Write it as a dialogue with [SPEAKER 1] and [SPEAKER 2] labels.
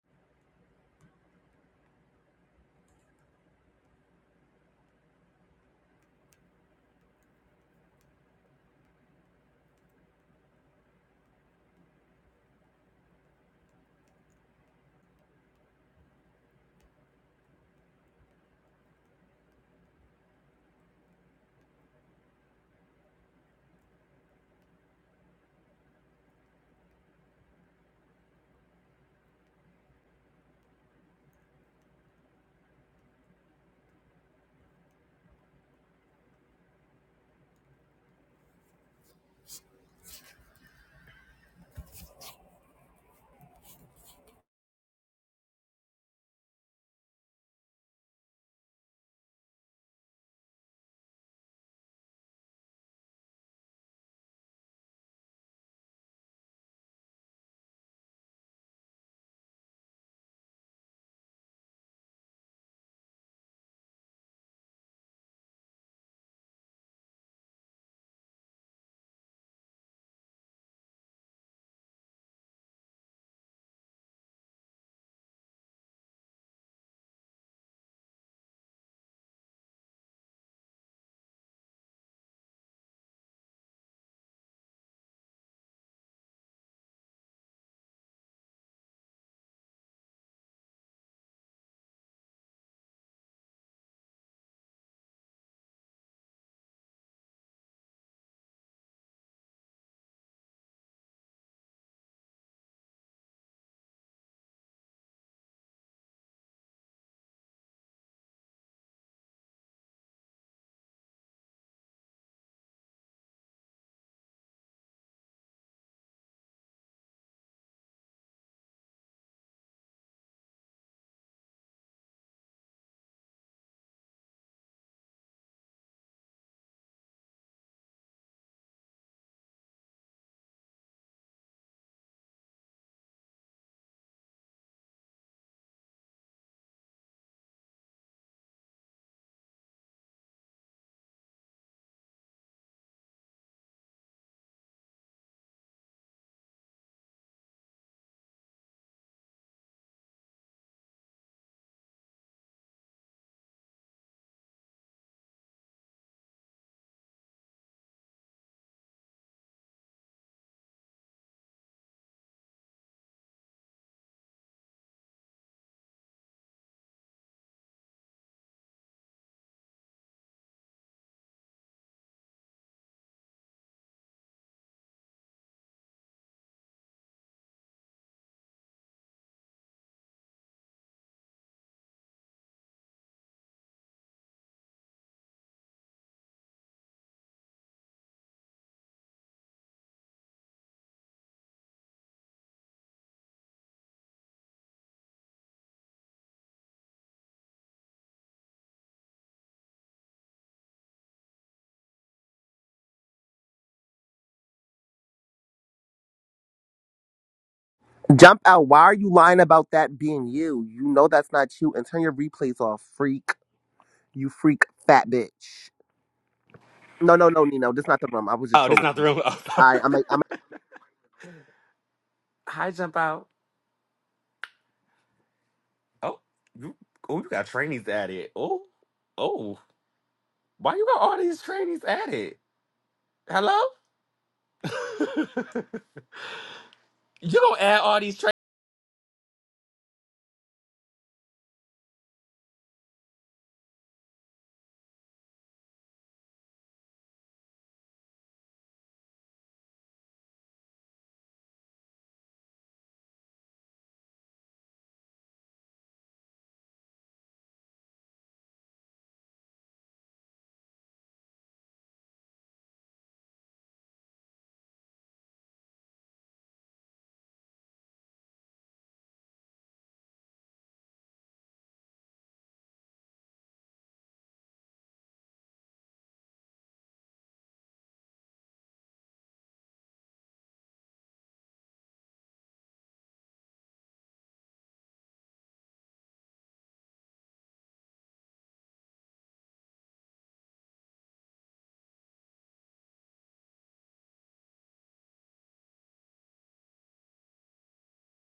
[SPEAKER 1] Jump out. Why are you lying about that being you? You know that's not you. And turn your replays off, freak. You freak fat bitch. No, no, no, Nino. That's not the room. I was just
[SPEAKER 2] Oh, this
[SPEAKER 1] trolling
[SPEAKER 2] not the
[SPEAKER 1] him.
[SPEAKER 2] room. Oh,
[SPEAKER 1] I, I'm, I'm
[SPEAKER 2] high jump out. Oh, you, oh, you got trainees at it. Oh, oh, why you got all these trainees at it? Hello. you gonna add all these